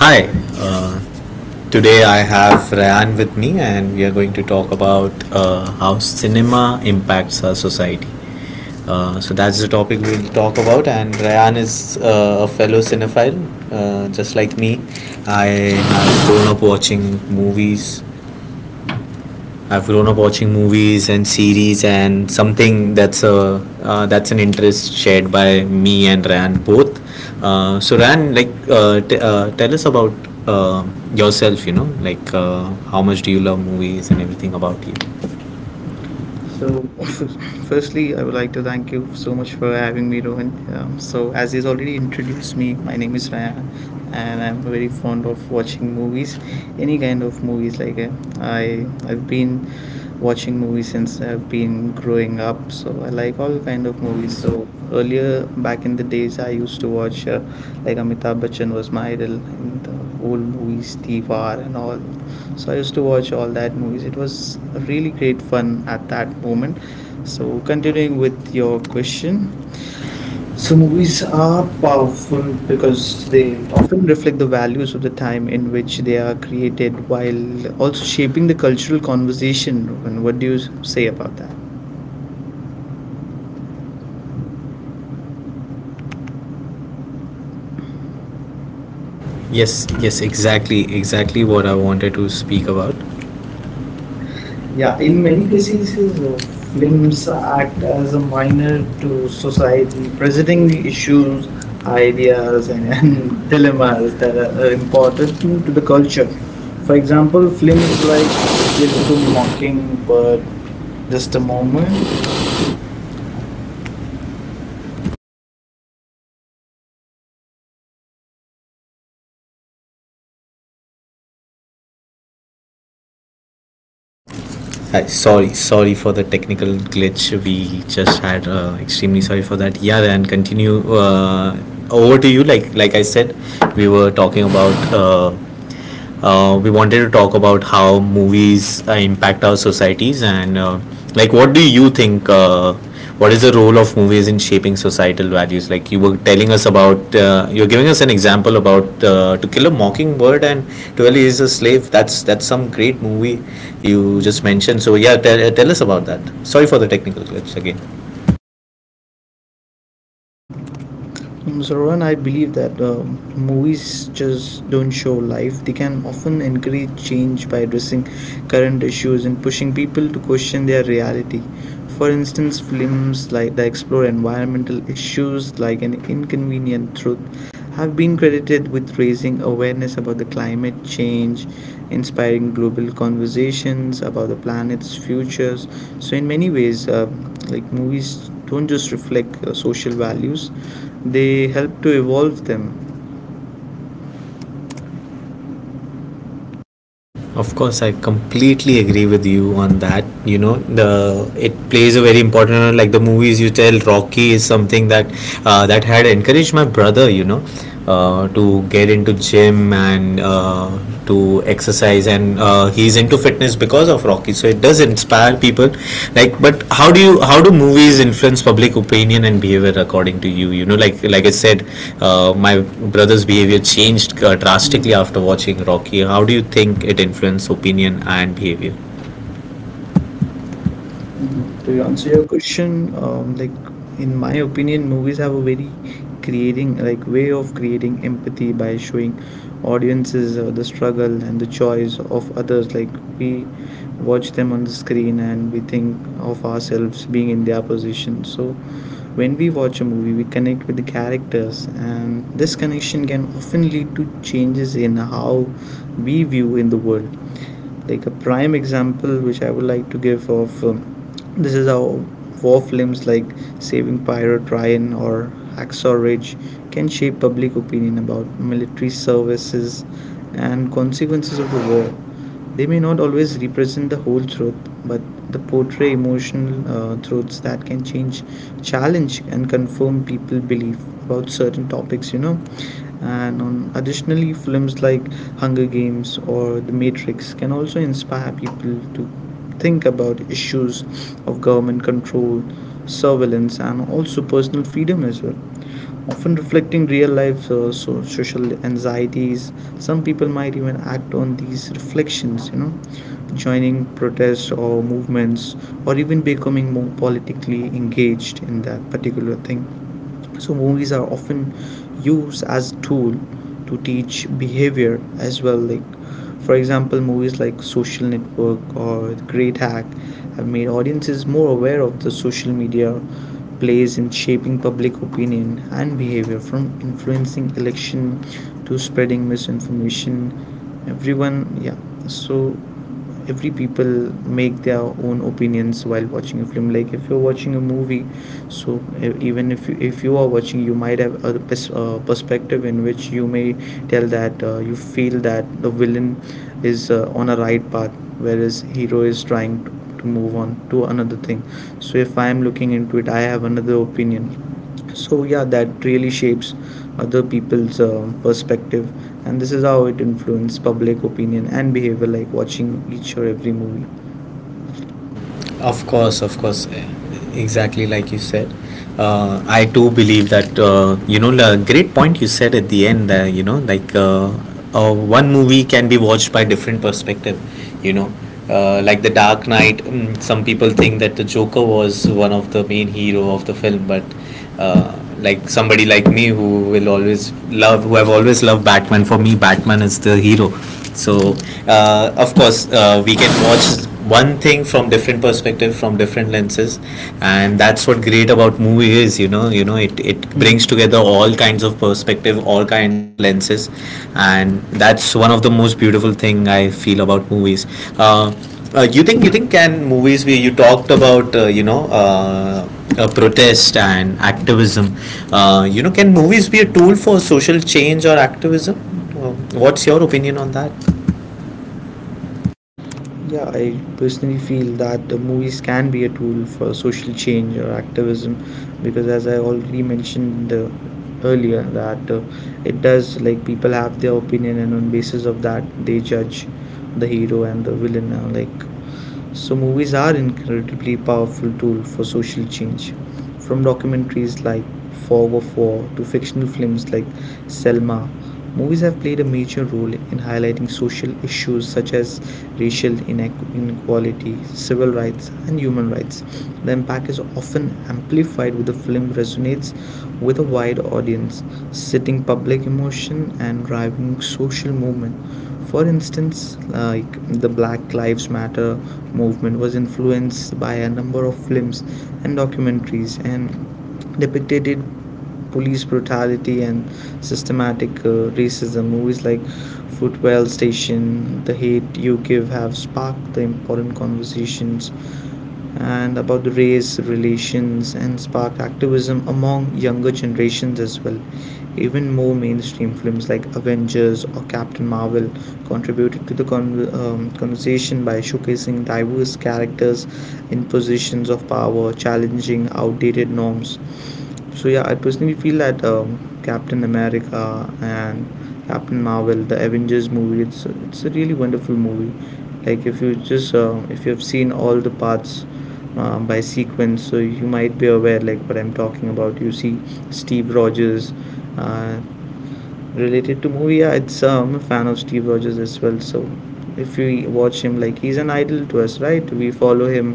Hi, uh, Today I have Rayan with me, and we are going to talk about how cinema impacts our society. So that's the topic we'll talk about, and Rayan is a fellow cinephile, just like me. I have grown up watching movies I've grown up watching movies and series, and something that's a that's an interest shared by me and Ran both. So Ran, tell us about uh, yourself. How much do you love movies, and everything about you? So, firstly, I would like to thank you so much for having me, Rohan. So, as he's already introduced me, my name is Ryan, and I'm very fond of watching movies, any kind of movies. Like, I've been watching movies since I've been growing up. So I like all kind of movies. So earlier, back in the days, I used to watch like Amitabh Bachchan was my idol in the old movies, Diwar and all. So I used to watch all that movies. It was really great fun at that moment. So continuing with your question. So So movies movies are are powerful powerful because because they they— often reflect the values of the time in which they are created while also shaping the cultural conversation. And what do you say about that? yes, yes, exactly, exactly what I wanted to speak about. Yeah, Yeah, in many cases, basically, uh, films films act act as as a a minor pioneer to to society, society, presenting presenting issues, issues, ideas, ideas, and and dilemmas dilemmas that that are are important important to in the the culture. culture. For For example, example, films films like about Kill to people walking for— Mockingbird, just Just a a Moment, moment. Sorry for the technical glitch. We just had, extremely sorry for that. Yeah, and continue, over to you. Like I said, we were talking about— we wanted to talk about how movies impact our societies, and like what do you think, what is the role of movies in shaping societal values? Like you were telling us about, you're giving us an example about To Kill a Mockingbird and 12 Years a Slave. That's some great movie you just mentioned. So yeah, tell, tell us about that. Sorry for the technical glitch again. Zaran, I believe that movies just don't show life. They can often encourage change by addressing current issues and pushing people to question their reality. For instance, films like that explore environmental issues like an inconvenient truth have been credited with raising awareness about the climate change, inspiring global conversations about the planet's futures. So in many ways, like movies don't just reflect social values; they help to evolve them. Of course, I completely agree with you on that. You know, the it plays a very important role. Like the movies you tell, Rocky is something that that had encouraged my brother. You know, to get into gym, and to exercise, and he's in into fitness because of Rocky. So it does inspire people. Like, but how do movies influence public opinion and behavior according to you? You know, like I said, my brother's behavior changed drastically after watching Rocky. How do you think it influenced opinion and behavior? Mm-hmm. To answer your question, like in my opinion, movies have a very creating like way of creating empathy by showing audiences the struggle and the choice of others. Like we watch them on the screen and we think of ourselves being in their position. So when we watch a movie, we connect with the characters, and this connection can often lead to changes in how we view in the world, like a prime example which I would like to give of this is how war films like Saving Private Ryan or Hacksaw Ridge can shape public opinion about military services and consequences of the war. They may not always represent the whole truth, but they portray emotional truths that can change, challenge and confirm people's belief about certain topics. And on additionally, films like Hunger Games or The Matrix can also inspire people to think about issues of government control, surveillance and also personal freedom as well, often reflecting real life, so social anxieties. Some people might even act on these reflections, joining protests or movements or even becoming more politically engaged in that particular thing. So movies are often used as tool to teach behavior as well. Like, for example, movies like Social Network or The Great Hack have made audiences more aware of the social media plays in shaping public opinion and behavior, from influencing election to spreading misinformation, everyone. Yeah, so every people make their own opinions while watching a film, like if you're watching a movie. So even if you are watching, you might have a perspective in which you may tell that you feel that the villain is on a right path, whereas hero is trying to move on to another thing. So if I am looking into it, I have another opinion. So yeah, that really shapes other people's perspective, and this is how it influences public opinion and behavior, like watching each or every movie. Of course, exactly like you said. I do believe that, you know, the great point you said at the end. One movie can be watched by different perspective. You know, like the Dark Knight. Mm, some people think that the Joker was one of the main hero of the film, but like somebody like me who will always love, who have always loved Batman. For me, Batman is the hero. So, of course, we can watch one thing from different perspective, from different lenses, and that's what great about movie is. You know, it brings together all kinds of perspective, all kinds of lenses, and that's one of the most beautiful thing I feel about movies. Uh, you think you think can movies be— you talked about, you know— protest and activism. You know, can movies be a tool for social change or activism? Uh, what's your opinion on that? Yeah, I personally feel that the movies can be a tool for social change or activism, because as I already mentioned earlier that it does, like people have their opinion and on basis of that they judge the hero and the villain. So movies are incredibly powerful tool for social change. From documentaries like Fog of War to fictional films like Selma, movies have played a major role in highlighting social issues such as racial inequality, civil rights, and human rights. The impact is often amplified when the film resonates with a wide audience, sitting public emotion and driving social movement. For instance, like the Black Lives Matter movement was influenced by a number of films and documentaries and depicted police brutality and systematic racism. Movies like Footwell Station, The Hate You Give have sparked the important conversations and about the race relations and sparked activism among younger generations as well. Even more mainstream films like Avengers or Captain Marvel contributed to the conversation by showcasing diverse characters in positions of power, challenging outdated norms. So yeah, I personally feel that Captain America and Captain Marvel, the Avengers movie, it's a really wonderful movie. Like if you have seen all the parts by sequence, so you might be aware like what I'm talking about. You see Steve Rogers, uh, related to movie. Yeah, it's I'm a fan of Steve Rogers as well. So if we watch him, like he's an idol to us, right, we follow him,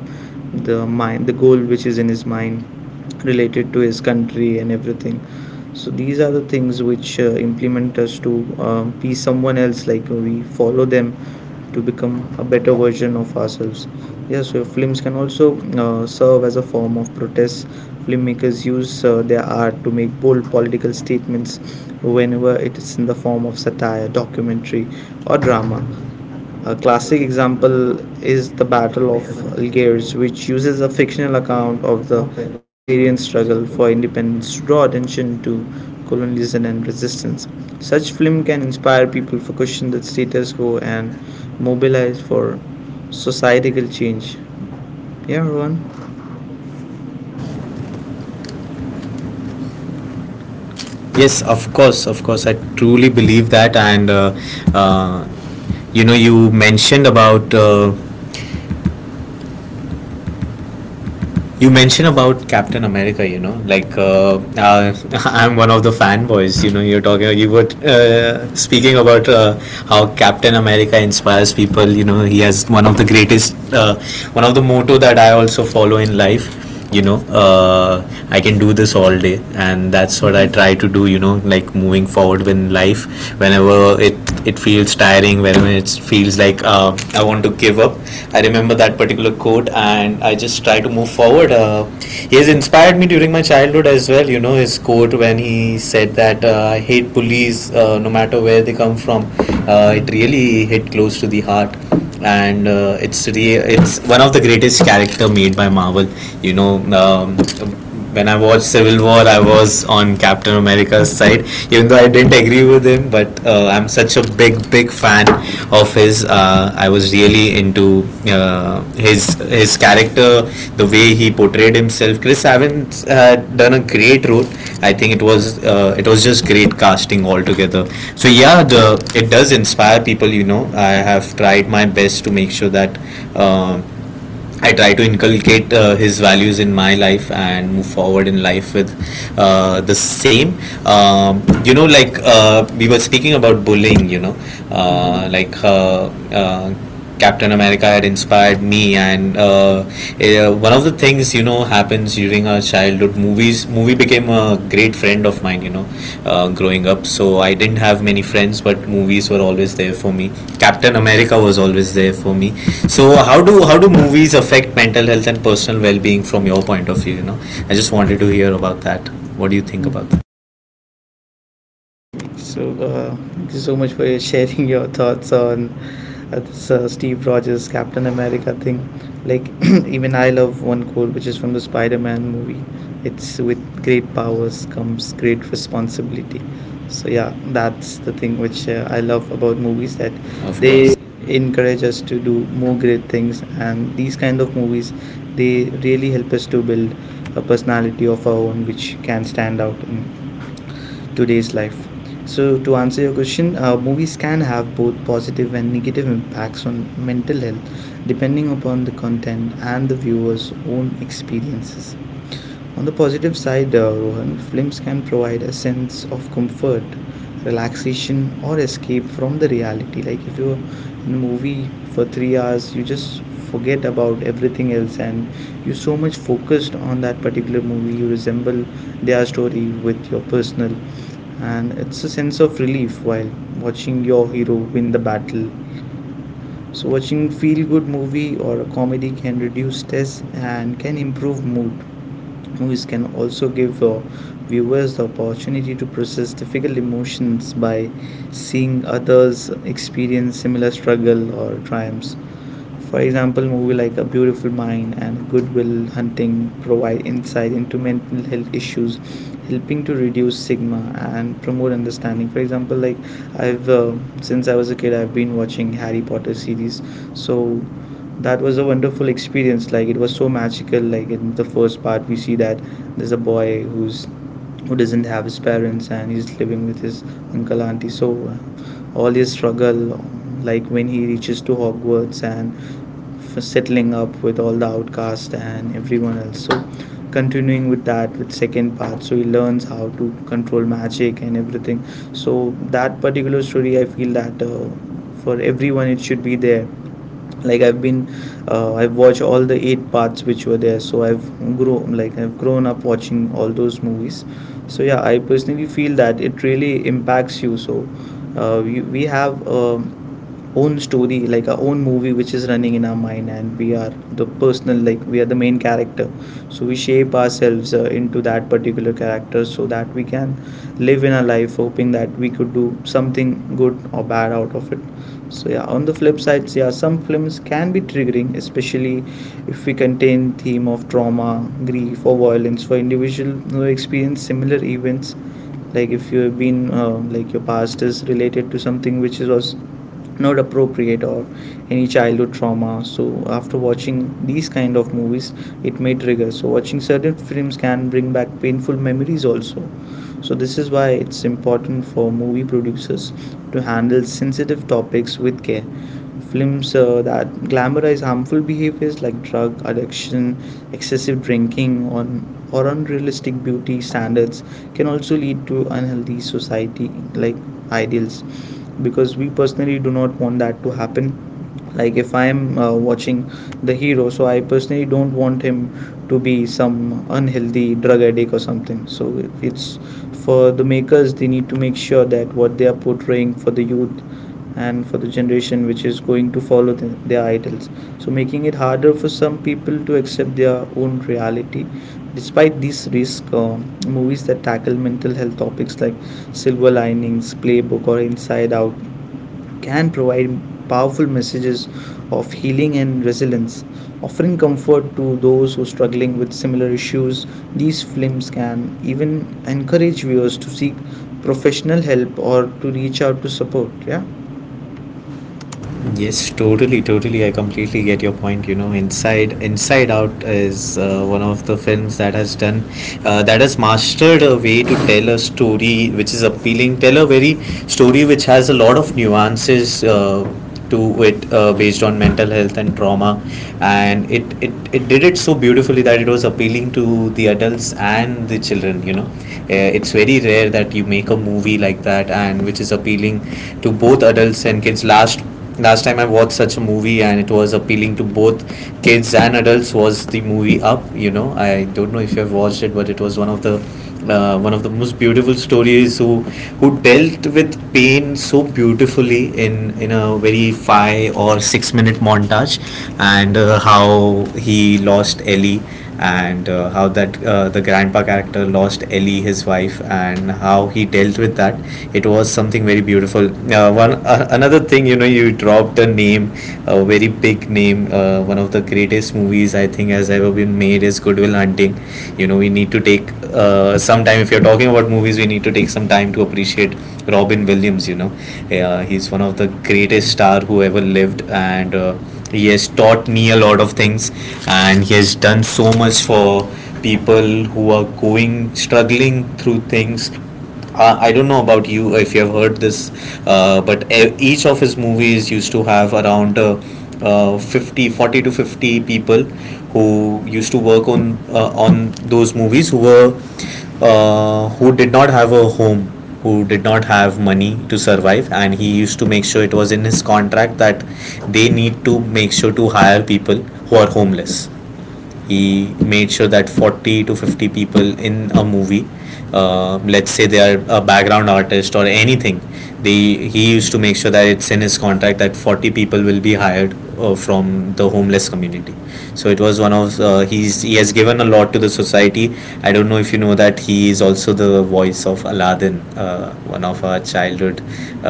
the mind, the goal which is in his mind, related to his country and everything. So these are the things which implement us to be someone else, like we follow them to become a better version of ourselves. Yes, so films can also serve as a form of protest. Filmmakers use their art to make bold political statements, whenever it is in the form of satire, documentary, or drama. A classic example is the Battle of Algiers, which uses a fictional account of the Algerian struggle for independence to draw attention to colonialism and resistance. Such film can inspire people to question the status quo and mobilize for societal change. Yeah, everyone. Yes, of course, of course. I truly believe that, and uh, you know, you mentioned about— you mentioned about Captain America, you know, I'm one of the fanboys. You know, you were speaking about how Captain America inspires people. You know, he has one of the greatest, one of the motto that I also follow in life. You know, uh, I can do this all day. And that's what I try to do. You know, like moving forward in life, whenever it feels tiring, whenever it feels like I want to give up, I remember that particular quote and I just try to move forward. He has inspired me during my childhood as well. You know, his quote when he said that, I hate bullies, no matter where they come from. It really hit close to the heart, and it's one of the greatest character made by Marvel. You know, um, when I watched Civil War, I was on Captain America's side, even though I didn't agree with him. But I'm such a big, big fan of his. I was really into his his character, the way he portrayed himself. Chris Evans had done a great role. I think it was, it was just great casting altogether. So yeah, the it does inspire people. You know, I have tried my best to make sure that. Uh, I try to inculcate his values in my life and move forward in life with the same. You know, we were speaking about bullying, you know, uh, like uh, uh, Captain America had inspired me, and one of the things you know happens during our childhood. Movie became a great friend of mine. You know, growing up, so I didn't have many friends, but movies were always there for me. Captain America was always there for me. So how do movies affect mental health and personal well being from your point of view? You know, I just wanted to hear about that. What do you think about that? So, thank you so much for sharing your thoughts on this Steve Rogers Captain America thing. Like, even I love one quote which is from the Spider Man movie. It's with great powers comes great responsibility. So, yeah, that's the thing which I love about movies that Of they course. encourage us to do more great things, and these kind of movies they really help us to build a personality of our own which can stand out in today's life. So, to answer your question, movies can have both positive and negative impacts on mental health depending upon the content and the viewer's own experiences. On the positive side, Rohan, films can provide a sense of comfort, relaxation, or escape from the reality. Like if you're in a movie for 3 hours, you just forget about everything else and you're so much focused on that particular movie, you resemble their story with your personal, and it's a sense of relief while watching your hero win the battle. So, watching feel good movie or a comedy can reduce stress and can improve mood. Movies can also give viewers the opportunity to process difficult emotions by seeing others experience similar struggle or triumphs. For example, movie like A Beautiful Mind and Good Will Hunting provide insight into mental health issues, helping to reduce stigma and promote understanding. For example, like I've since I was a kid, I've been watching Harry Potter series, so that was a wonderful experience. Like it was so magical. Like in the first part, we see that there's a boy who doesn't have his parents and he's living with his uncle auntie. So all his struggle, like when he reaches to Hogwarts and settling up with all the outcasts and everyone else. So continuing with that with second part, so he learns how to control magic and everything, so that particular story I feel that for everyone it should be there. Like i've been uh, i've watched all the 8 parts which were there, so I've grown, like I've grown up watching all those movies. So yeah, I personally feel that it really impacts you. So We have own story, like our own movie which is running in our mind, and we are the personal, like we are the main character. So we shape ourselves into that particular character so that we can live in our life hoping that we could do something good or bad out of it. So yeah, on the flip side, so yeah, some films can be triggering, especially if we contain theme of trauma, grief, or violence for individual who experience similar events. Like if you have been like your past is related to something which is was not appropriate or any childhood trauma, so after watching these kind of movies, it may trigger. So watching certain films can bring back painful memories also. So this is why it's important for movie producers to handle sensitive topics with care. Films that glamorize harmful behaviors like drug addiction, excessive drinking on or unrealistic beauty standards can also lead to unhealthy society, like ideals, because we personally do not want that to happen. Like if I am watching the hero, so I personally don't want him to be some unhealthy drug addict or something. So it's for the makers, they need to make sure that what they are portraying for the youth and for the generation which is going to follow their idols, so making it harder for some people to accept their own reality. Despite these risks, movies that tackle mental health topics like Silver Linings Playbook or Inside Out can provide powerful messages of healing and resilience, offering comfort to those who are struggling with similar issues. These films can even encourage viewers to seek professional help or to reach out to support. Yeah. Yes, totally, totally. I completely get your point. You know, Inside Out is one of the films that has done that has mastered a way to tell a story which is appealing, tell a very story which has a lot of nuances to it, based on mental health and trauma, and it did it so beautifully that it was appealing to the adults and the children. You know, it's very rare that you make a movie like that and which is appealing to both adults and kids. Last time I watched such a movie and it was appealing to both kids and adults was the movie Up. You know, I don't know if you have watched it, but it was one of the, one of the most beautiful stories who dealt with pain so beautifully in a very 5 or 6 minute montage, and how he lost Ellie, and how that, the grandpa character lost Ellie, his wife, and how he dealt with that. It was something very beautiful. One Another thing, you know, you dropped a name, a very big name. One of the greatest movies I think has ever been made is Goodwill Hunting. You know, we need to take some time. If you're talking about movies, we need to take some time to appreciate Robin Williams. You know, he's one of the greatest star who ever lived, and he has taught me a lot of things, and he has done so much for people who are going struggling through things. I don't know about you if you have heard this, but each of his movies used to have around 50, 40 to 50 people who used to work on those movies, who were who did not have a home, who did not have money to survive, and he used to make sure it was in his contract that they need to make sure to hire people who are homeless. He made sure that 40 to 50 people in a movie, let's say they are a background artist or anything, they he used to make sure that it's in his contract that 40 people will be hired from the homeless community. So it was one of— he has given a lot to the society. I don't know if you know that he is also the voice of Aladdin, one of our childhood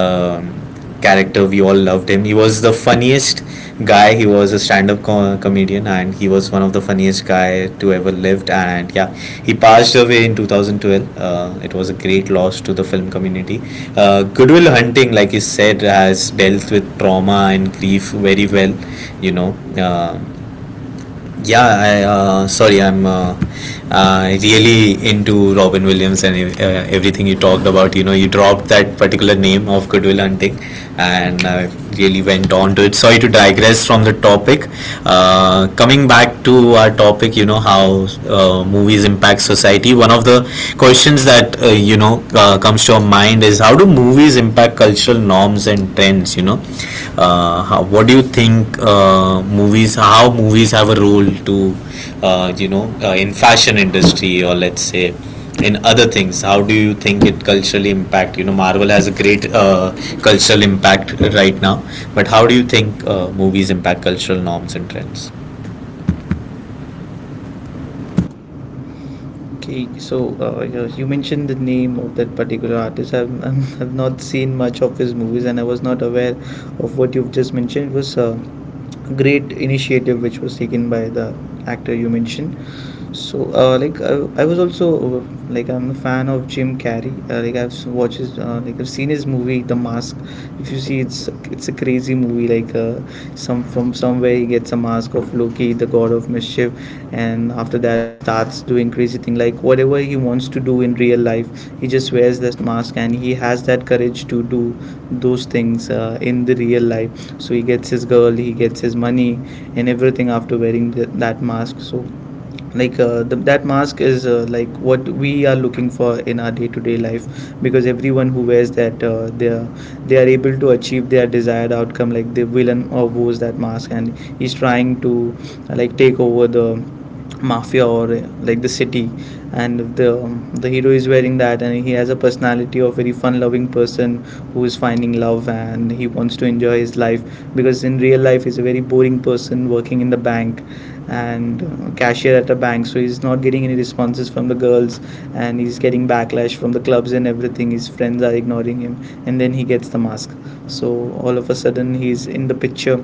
um, character. We all loved him. He was the funniest guy. He was a stand-up comedian, and he was one of the funniest guy to ever lived. And yeah, he passed away in 2012. It was a great loss to the film community. Goodwill Hunting, like you said, has dealt with trauma and grief very well. You know, Um yeah, I sorry, I'm really into Robin Williams, and everything you talked about. You know, you dropped that particular name of Goodwill Hunting, and I really went on to it. Sorry to digress from the topic. Coming back to our topic, you know, how movies impact society, one of the questions that, you know, comes to your mind is, how do movies impact cultural norms and trends? You know, what do you think movies? How movies have a role to, in fashion industry, or let's say in other things, how do you think it culturally impact? You know, Marvel has a great cultural impact right now, but how do you think movies impact cultural norms and trends Okay, so you mentioned the name of that particular artist. I've not seen much of his movies, and I was not aware of what you've just mentioned. It was a great initiative which was taken by the actor you mentioned. So, like I was also like I'm a fan of Jim Carrey. Like watched his, like I've seen his movie The Mask. If you see, it's a crazy movie. Like some from somewhere he gets a mask of Loki, the god of mischief, and after that he starts doing crazy thing. Like whatever he wants to do in real life, he just wears that mask and he has that courage to do those things in the real life. So he gets his girl, he gets his money, and everything after wearing that mask. So like that mask is like what we are looking for in our day-to-day life, because everyone who wears that they are able to achieve their desired outcome. Like the villain or wears that mask and he's trying to like take over the mafia or like the city, and the hero is wearing that and he has a personality of very fun loving person who is finding love and he wants to enjoy his life, because in real life he's a very boring person working in the bank, and cashier at a bank. So he's not getting any responses from the girls, and he's getting backlash from the clubs and everything. His friends are ignoring him, and then he gets the mask. So all of a sudden, he's in the picture,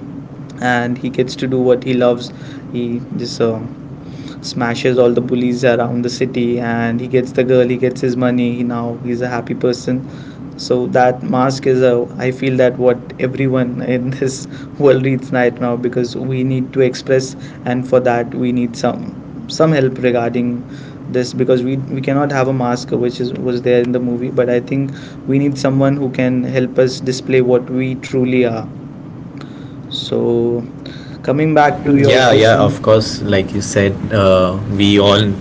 and he gets to do what he loves. He just smashes all the police around the city, and he gets the girl, he gets his money, he now he's a happy person. So that mask is a, I feel that what everyone in this world needs right now, because we need to express, and for that we need some help regarding this, because we cannot have a mask which is was there in the movie, but I think we need someone who can help us display what we truly are. So coming back back to to? your Yeah, your yeah, question. of course. Like you said, we all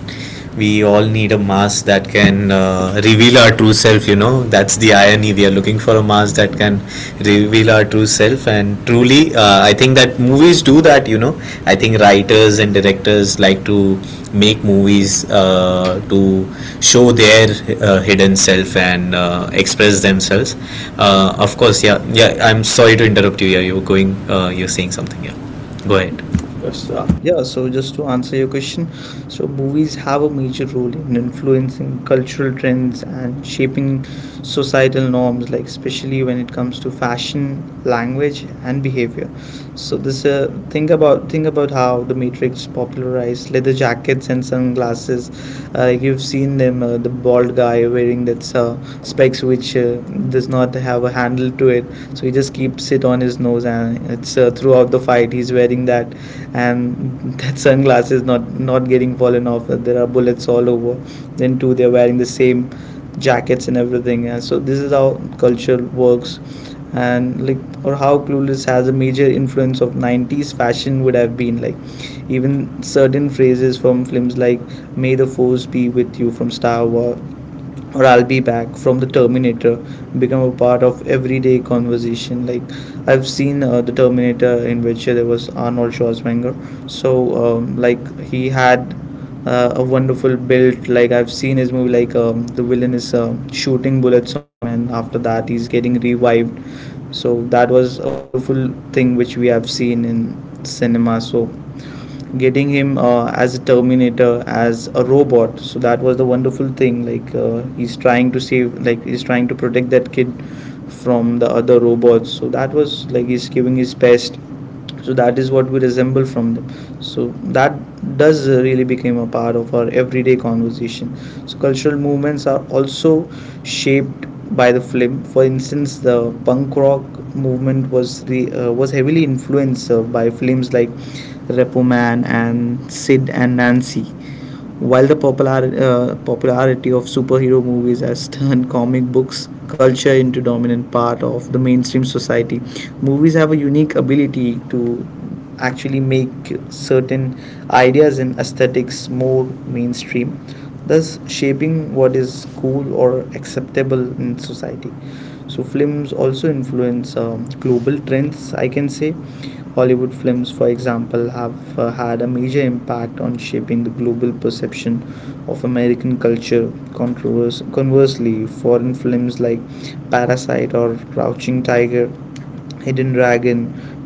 we all need a mask that can reveal our true self. You know, that's the irony. We are looking for a mask that can reveal our true self, and truly, I think that movies do that. You know, I think writers and directors like to make movies to show their hidden self and express themselves. Of course, yeah, yeah. I'm sorry to interrupt you. Yeah, you were going. You're saying something. Yeah. Go ahead. Course. Yeah, so just to answer your question, so movies have a major role in influencing cultural trends and shaping societal norms, like especially when it comes to fashion, language, and behavior. So this, think about how The Matrix popularized leather jackets and sunglasses. Like you've seen them, the bald guy wearing that specs which does not have a handle to it, so he just keeps it on his nose, and it's throughout the fight he's wearing that, and that sunglasses not getting fallen off. There are bullets all over. Then two, they're wearing the same jackets and everything. And so this is how culture works, and like or how Clueless has a major influence of 90s fashion would have been like. Even certain phrases from films like "May the Force be with you" from Star Wars or I'll be back from The Terminator become a part of everyday conversation. Like I've seen The Terminator, in which there was Arnold Schwarzenegger. So like he had a wonderful build. Like I've seen his movie, like the villain is shooting bullets on him, and after that he's getting revived. So that was a wonderful thing which we have seen in cinema. So getting him as a terminator, as a robot, so that was the wonderful thing. Like he's trying to save, like he's trying to protect that kid from the other robots, so that was like he's giving his best. So that is what we resemble from them. So that does really become a part of our everyday conversation. So cultural movements are also shaped by the film. For instance, the punk rock movement was the was heavily influenced by films like Repo Man and Sid and Nancy, while the popularity of superhero movies has turned comic books culture into dominant part of the mainstream society. Movies have a unique ability to actually make certain ideas and aesthetics more mainstream, thus shaping what is cool or acceptable in society. So films also influence global trends, I can say. Hollywood films, for example, have had a major impact on shaping the global perception of American culture. Conversely, foreign films like Parasite or Crouching Tiger, Hidden Dragon,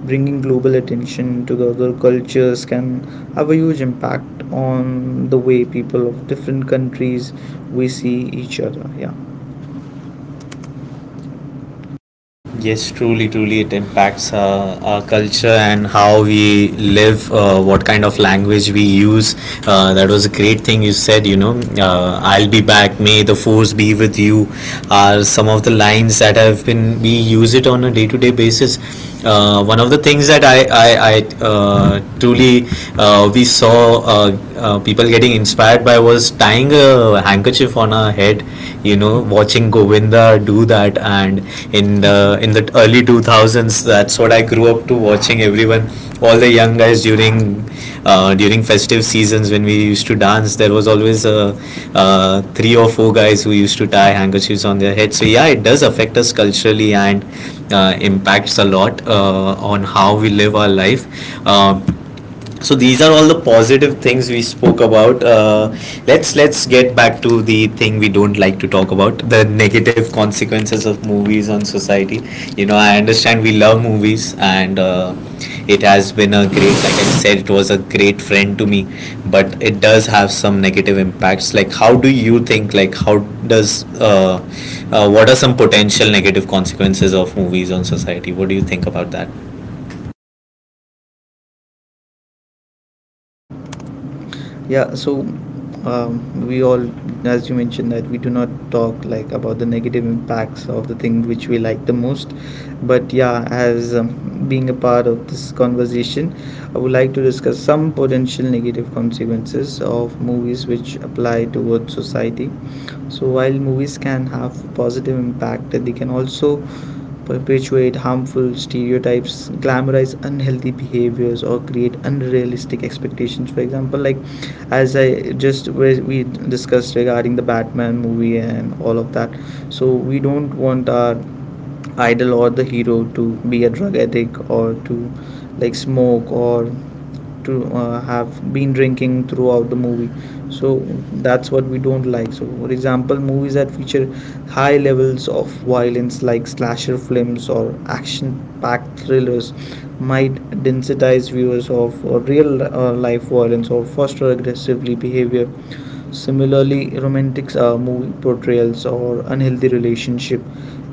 bringing global attention to the other cultures, can have a huge impact on the way people of different countries we see each other. Yeah. Yes, truly, truly, it impacts our culture and how we live, what kind of language we use. That was a great thing you said, you know. I'll be back, may the force be with you, are some of the lines that have been, we use it on a day to day basis. One of the things that I truly, we saw people getting inspired by was tying a handkerchief on our head. You know, watching Govinda do that, and in the early 2000s, that's what I grew up to watching. Everyone, all the young guys during during festive seasons when we used to dance, there was always 3 or 4 guys who used to tie handkerchiefs on their head. So yeah, it does affect us culturally and impacts a lot on how we live our life. Um so these are all the positive things we spoke about. Let's get back to the thing we don't like to talk about: the negative consequences of movies on society. You know, I understand we love movies, and it has been a great. Like I said, it was a great friend to me, but it does have some negative impacts. Like, how do you think? Like, how does what are some potential negative consequences of movies on society? What do you think about that? Yeah, so we all, as you mentioned, that we do not talk like about the negative impacts of the thing which we like the most. But yeah, as being a part of this conversation, I would like to discuss some potential negative consequences of movies which apply towards society. So while movies can have positive impact, they can also perpetuate harmful stereotypes, glamorize unhealthy behaviors, or create unrealistic expectations. For example, like as I just we discussed regarding the Batman movie and all of that. So we don't want our idol or the hero to be a drug addict or to like smoke or to have been drinking throughout the movie. So that's what we don't like. So for example, movies that feature high levels of violence like slasher films or action packed thrillers might densitize viewers of real life violence or foster aggressively behavior. Similarly, romantic are movie portrayals or unhealthy relationship,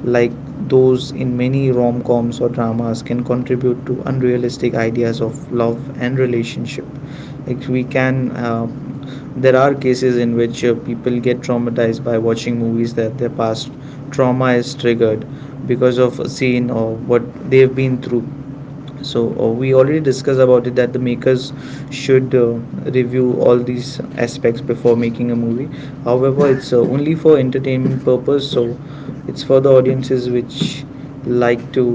like those in many rom-coms or dramas, can contribute to unrealistic ideas of love and relationship. Like we can there are cases in which people get traumatized by watching movies, that their past trauma is triggered because of a scene or what they've been through. So we already discussed about it, that the makers should review all these aspects before making a movie. However, it's only for entertainment purpose, so it's for the audiences which like to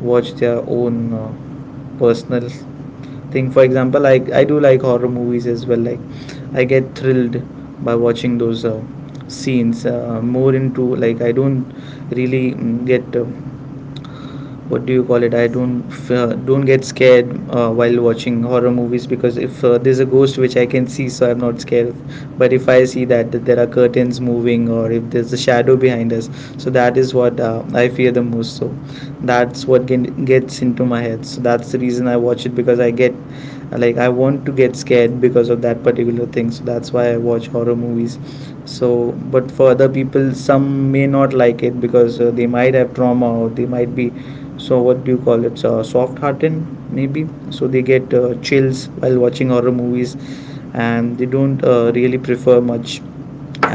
watch their own personal thing. For example, I do like horror movies as well. Like I get thrilled by watching those scenes. More into like I don't really get what do you call it? I don't get scared while watching horror movies, because if there's a ghost which I can see, so I'm not scared. Of. But if I see that there are curtains moving or if there's a shadow behind us, so that is what I fear the most. So that's what gets into my head. So that's the reason I watch it, because I get, like I want to get scared because of that particular thing. So that's why I watch horror movies. So, but for other people, some may not like it because they might have trauma or they might be, so what do you call it, soft hearted maybe, so they get chills while watching horror movies and they don't really prefer much.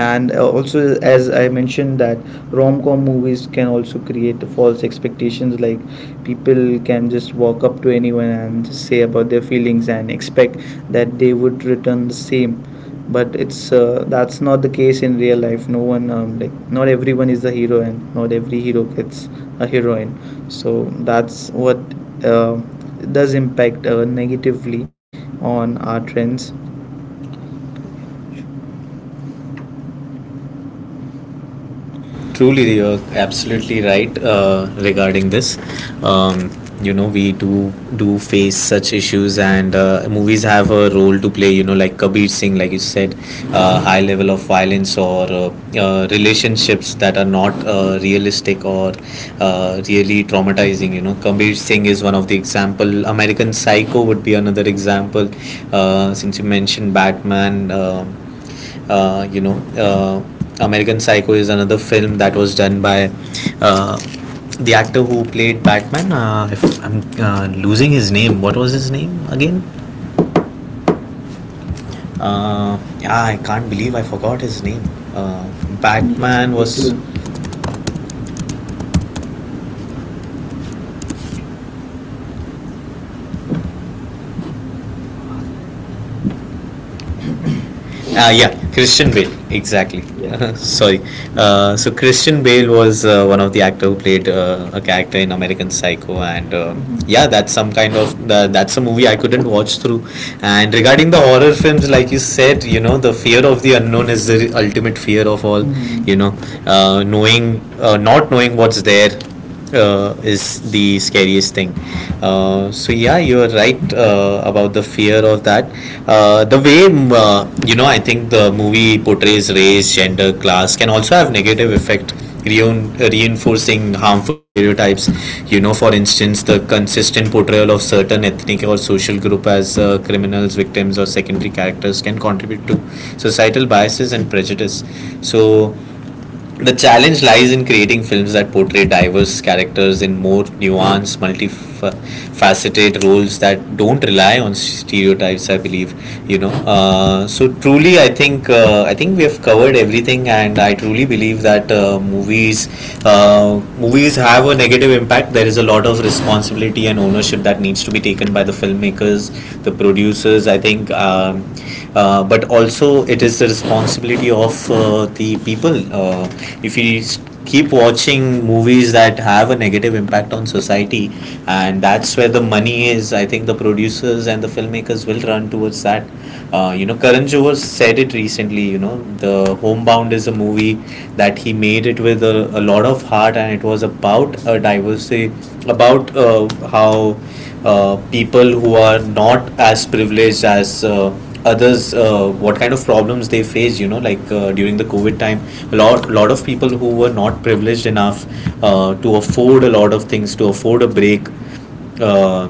And also as I mentioned that rom-com movies can also create false expectations, like people can just walk up to anyone and say about their feelings and expect that they would return the same. But it's that's not the case in real life. No one, like not everyone is the hero and not every hero gets a heroine. So that's what uh, does impact negatively on our trends. Truly, you're absolutely right regarding this. Um, you know, we do face such issues, and movies have a role to play. You know, like Kabir Singh, like you said, high level of violence, or relationships that are not realistic, or really traumatizing. You know, Kabir Singh is one of the example. American Psycho would be another example. Since you mentioned Batman. You know, uh, American Psycho is another film that was done by uh, the actor who played Batman. If I'm losing his name, what was his name again? Yeah, I can't believe I forgot his name. uh, Batman was. Yeah, Christian Bale, exactly. Sorry. So Christian Bale was one of the actor who played a character in American Psycho, and yeah, that's some kind of the, that's a movie I couldn't watch through. And regarding the horror films, like you said, you know, the fear of the unknown is the ultimate fear of all. You know, knowing not knowing what's there is the scariest thing. So yeah, you are right about the fear of that. The way you know, I think the movie portrays race, gender, class can also have negative effect. Reinforcing harmful stereotypes, you know, for instance, the consistent portrayal of certain ethnic or social group as criminals, victims, or secondary characters can contribute to societal biases and prejudice. So, the challenge lies in creating films that portray diverse characters in more nuanced, multifaceted roles that don't rely on stereotypes. I believe, you know. So truly, I think we have covered everything, and I truly believe that movies have a negative impact. There is a lot of responsibility and ownership that needs to be taken by the filmmakers, the producers. I think, but also it is the responsibility of the people. If you keep watching movies that have a negative impact on society, and that's where the money is, I think the producers and the filmmakers will run towards that. You know, Karan Johar said it recently. You know, the Homebound is a movie that he made it with a lot of heart, and it was about a diversity, about how people who are not as privileged as others, what kind of problems they face, you know, like during the covid time, a lot of people who were not privileged enough to afford a lot of things, to afford a break, uh,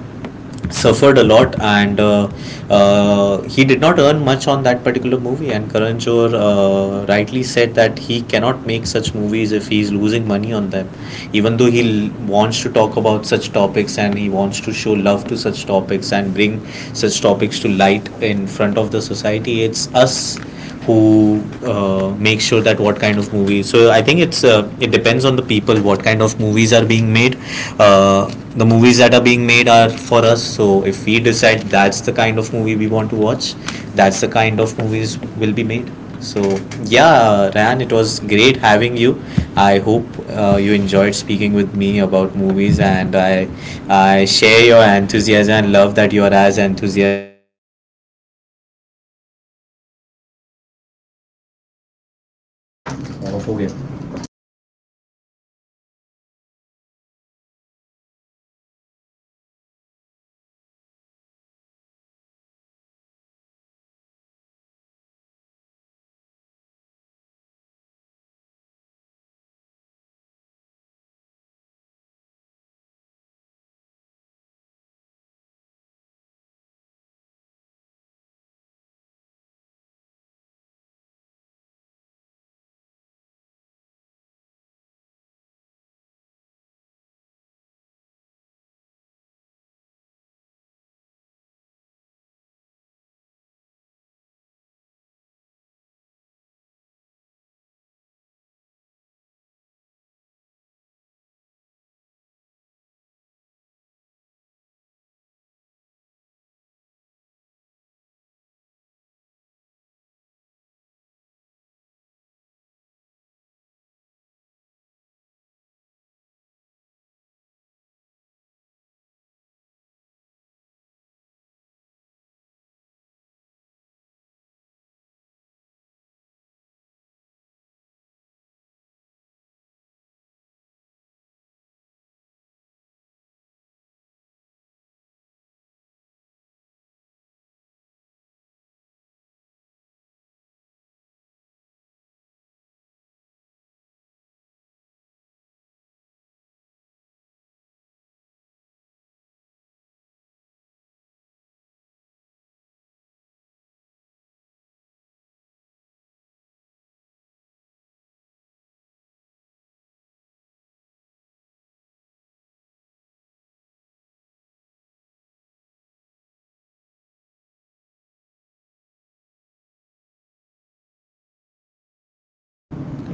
suffered a lot, and he did not earn much on that particular movie. And Karan Johar rightly said that he cannot make such movies if he is losing money on them, even though wants to talk about such topics, and he wants to show love to such topics and bring such topics to light in front of the society. It's us who makes sure that what kind of movies. So I think it's it depends on the people what kind of movies are being made. Uh, the movies that are being made are for us. So if we decide that's the kind of movie we want to watch, that's the kind of movies will be made. So yeah, Ryan, it was great having you.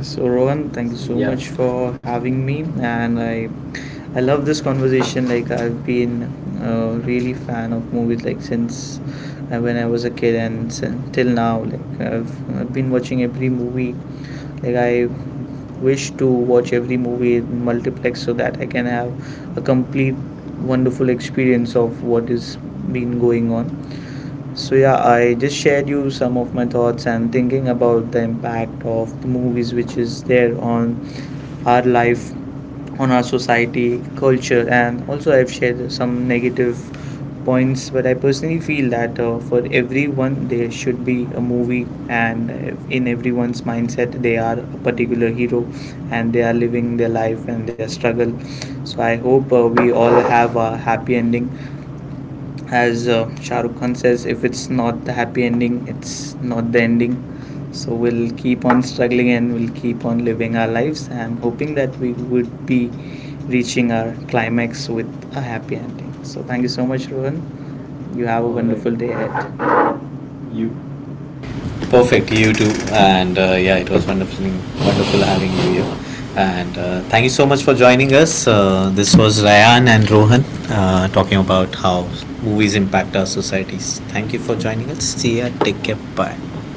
So Rohan, thank you so much for having me, and I love this conversation. Like I've been really fan of movies, like since when I was a kid and till now. Like I've been watching every movie. Like I wish to watch every movie in multiplex so that I can have a complete wonderful experience of what is been going on. So yeah, I just shared you some of my thoughts and thinking about the impact of the movies which is there on our life, on our society, culture, and also I've shared some negative points. But I personally feel that for everyone there should be a movie, and in everyone's mindset they are a particular hero, and they are living their life and their struggle. So I hope we all have a happy ending, as Shah Rukh Khan says, if it's not the happy ending, it's not the ending. So we'll keep on struggling and we'll keep on living our lives. I'm hoping that we would be reaching our climax with a happy ending. So thank you so much, Rohan. You have a wonderful day ahead. Perfect. You too. And yeah, it was wonderful, wonderful having you here. And thank you so much for joining us. This was Ryan and Rohan talking about how movies impact our societies. Thank you for joining us. See ya. Take care. Bye.